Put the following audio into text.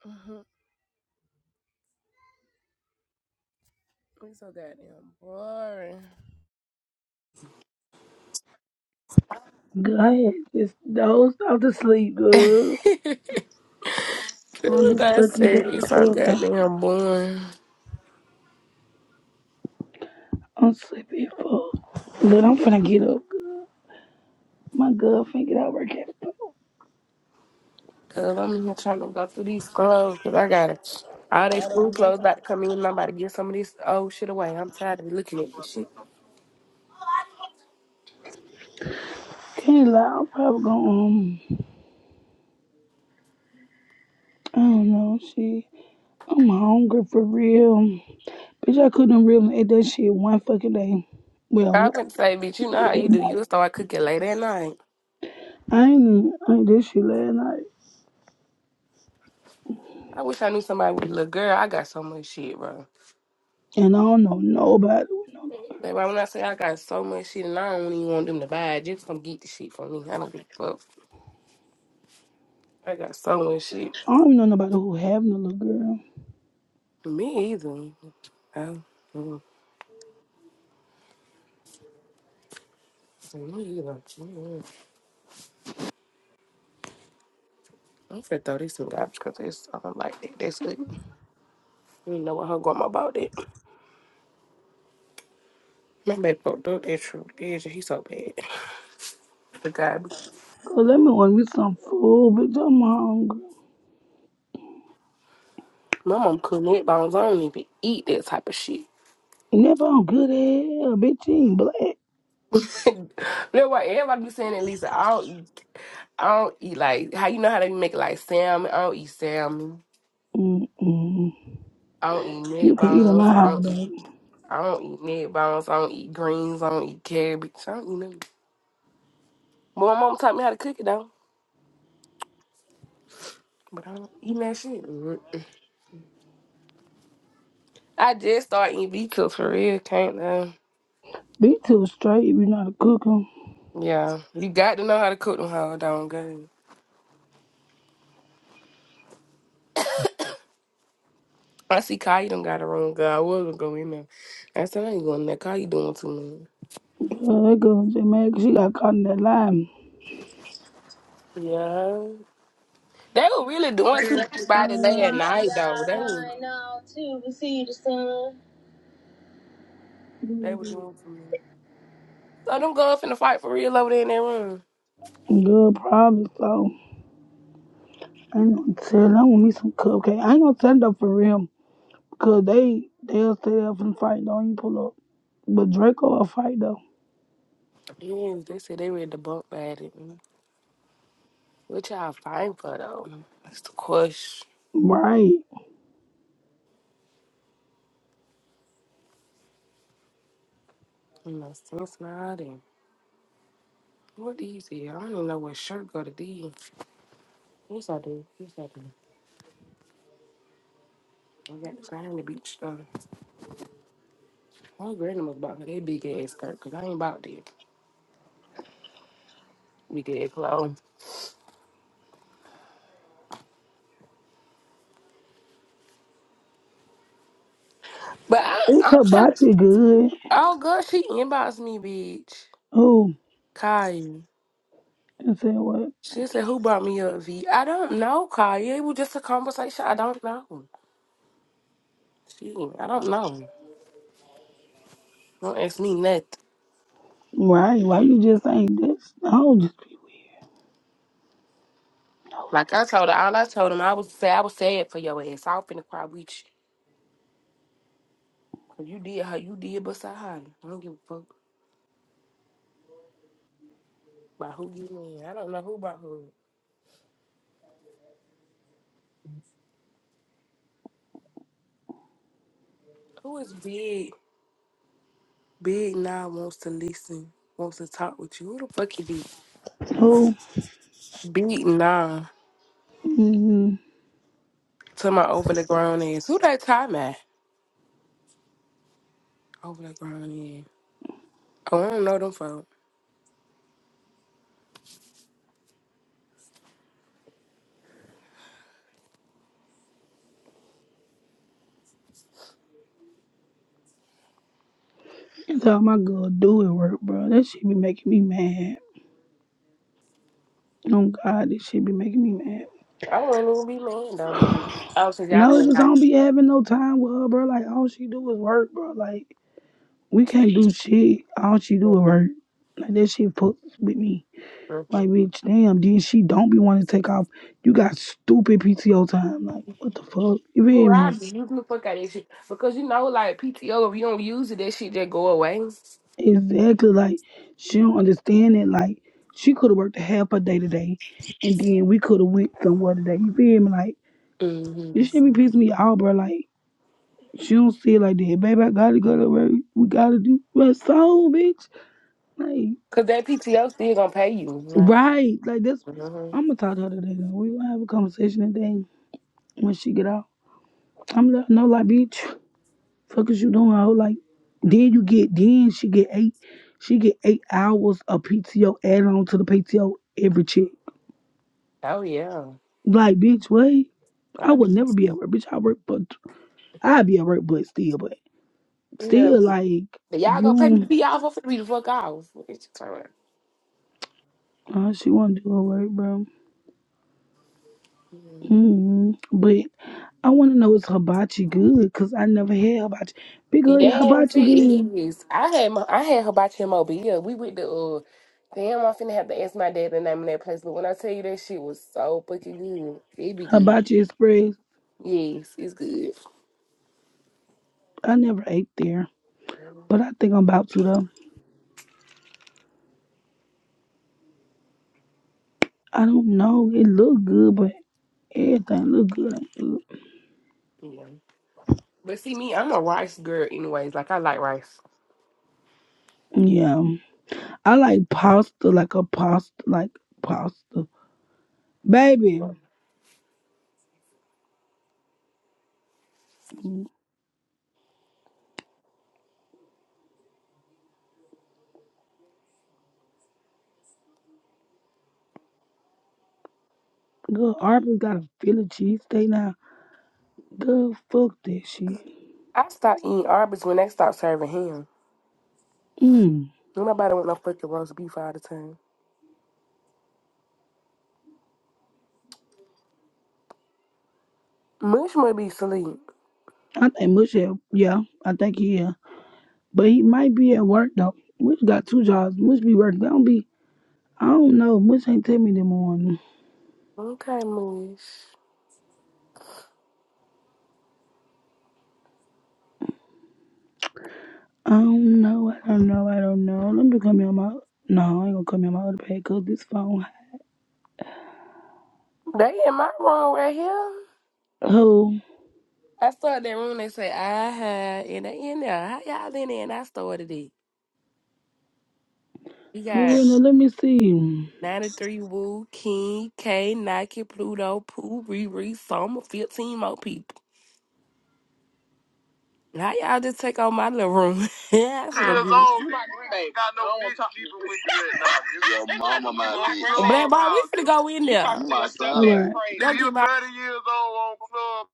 Mhm. We so goddamn boring. Go ahead. Just doze off to sleep, girl. On this That's fucking it. damn It's so club. goddamn boring. I'm sleepy as fuck. But I'm finna get up. My girl finna get out of work at four. Cause I'm here trying to go through these clothes. Cause I got to all they school clothes about to come in. and I'm about to get some of this old shit away. I'm tired of looking at this shit. Can't lie, I'm probably gonna, um, I don't know, shit. I'm hungry for real. Bitch, I couldn't really eat that shit one fucking day. Well, I one wouldn't say, bitch, you know how you do. You start cooking late at night. I ain't even, I ain't this shit last night. I wish I knew somebody with a little girl. I got so much shit, bro. And I don't know nobody with no little, Baby, when I say I got so much shit, and I don't even want them to buy it, just come get the shit for me. I don't give a fuck. I got so much shit. I don't even know nobody who having a little girl. Me either. Oh, mm, me either. Mm. I'm finna throw these two out because it's something like that. That's it. You know what her grandma bought it. My baby broke through that true religion. He's so bad. The guy, Cause let me want me some food, bitch, I'm hungry. my mom couldn't eat bones. I don't even eat that type of shit. And that bone good as hell. Bitch, you ain't black. That's why everybody be saying that Lisa. I don't, I don't eat like how you know how they make like salmon. I don't eat salmon. Mm-mm. I don't eat You neck can eat 'em bones. I out, don't eat. baby. I don't eat neck bones. I don't eat greens. I don't eat cabbage. I don't eat nothing. Well, my mom taught me how to cook it though, but I don't eat that shit. Mm-mm. I did start eating B for real. Can't lie. Be too straight if you know how to cook 'em. Yeah, you got to know how to cook them how don't go. I see Kai done got a wrong girl. I was not going in there. I said I ain't going in there. Kai, you doing too much. Girl, that girl Jamaica, she got caught in that line. Yeah, they were really doing too much by the day at night though. They were they were doing too much. So them girls finna fight for real over there in that room. Girl, probably so. I ain't gonna tell. I want me some cupcake. I ain't gonna tell them for real. Because they, they'll stay up and fight. Don't you pull up. But Draco will fight, though. Yeah, they said they ready to bump at it. What y'all fighting for though? That's the question. Right. No sense now What these is? I don't even know what shirt go to these. Yes, I do. Yes, I do. I got the sign in the beach though. My grandma's bought me that big ass skirt because I ain't bought that big ass clothes. But I, It's I'm trying to. hibachi good. Oh, girl, she inboxed me, bitch. Who? Kaya. And said what? She said, Who brought me up, I I don't know, Kaya. It was just a conversation. I don't know. She, I don't know. Don't ask me nothing. Right. Why you just ain't this? I don't just people knows Like I told her, all I told him, I was say I was sad for your ass. I was finna cry with you. Cause you did her, you did beside her. I don't give a fuck. By who you mean? I don't know who by who. Who is big? Big now wants to listen, wants to talk with you. Who the fuck you be? people. Who? Big now Mm-hmm. to my over the ground ass. Who that time at? Over the ground ass. Oh, I don't know them folk. And so my girl do it work, bro. That shit be making me mad. Oh God, this shit be making me mad. I wouldn't even be mad though. Here. Oh, since y'all No, can't just I like. don't be having no time with her, bro. Like all she do is work, bro. Like we can't do shit. All she do is work. Like that shit fucks with me. Mm. Like bitch, damn. Then she don't be wanting to take off. You got stupid PTO time. Like what the fuck? You Who feel I me? be using the fuck out of that shit because you know like PTO if you don't use it that shit just go away. Exactly. Like she don't understand it. Like she could have worked half a day today, and then we could have went somewhere today. You feel me? Like. hmm This shit be pissing me out, bro. Like, she don't see it like that. Baby, I gotta go to work. We gotta do my soul, bitch. Like, Cause that PTO still gonna pay you. Like, right. Like, that's, mhm. I'm gonna talk to her today, though. we gonna have a conversation today when she get out. I'm gonna let her know, like, bitch, fuck is you doing, hoe? Like, then you get, then she get eight, she get eight hours of PTO add on to the PTO every check. oh yeah, Like, bitch, what? I I would be never be at work, bitch. I work, but I'd be at work, but still, but yeah. still, like, But y'all you gonna pay me to be off. I'm finna be the fuck off. What you talking Oh, she want to do her work, bro. about? Hmm. But I want to know is hibachi good? Cause I never had hibachi. Big girl, is Yes, it hibachi good. is. I had my, I had hibachi in yeah, We went to uh, damn. I'm finna have to ask my dad the name of that place. But when I tell you that shit was so fucking good, it be good. Hibachi Express. Yes, it's good. I never ate there, but I think I'm about to though. I don't know. It look good, but everything look good. ain't good. Yeah. But see me, I'm a rice girl. Anyways, like I like rice. Yeah, I like pasta, like a pasta, like pasta, baby. Yeah. mm, Good. Arby's got a Philly cheesesteak now. Good. Fuck that shit. I stopped eating Arby's when they stopped serving ham. Mm. Don't nobody want no fucking roast beef all the time. Mush must be asleep. I think Mush. Yeah, I think he is. But he might be at work though. Moose got two jobs. Moose be working. Don't be. I don't know. Moose ain't tell me the morning. Okay, Mush. I don't know. I don't know. I don't know. Let me come here on my. No, I ain't gonna come here on my other pad cause this phone. They in my room right here. Who? I started that room. They say I had and they in there. How y'all in there? And I started it. We Who got in the? Let me see. 93 Woo, King, K, Nike, Pluto, Pooh, Riri, Soma, 15 more people. How y'all just take on my little room? yeah, I finna go Years get it. old, you my grandbaby. Got no bitch talk- with you right now. Your mama my Black bitch. boy, we finna go in You there. talking to my yourself, son. Right. Go Nigga, you get my thirty years old on club.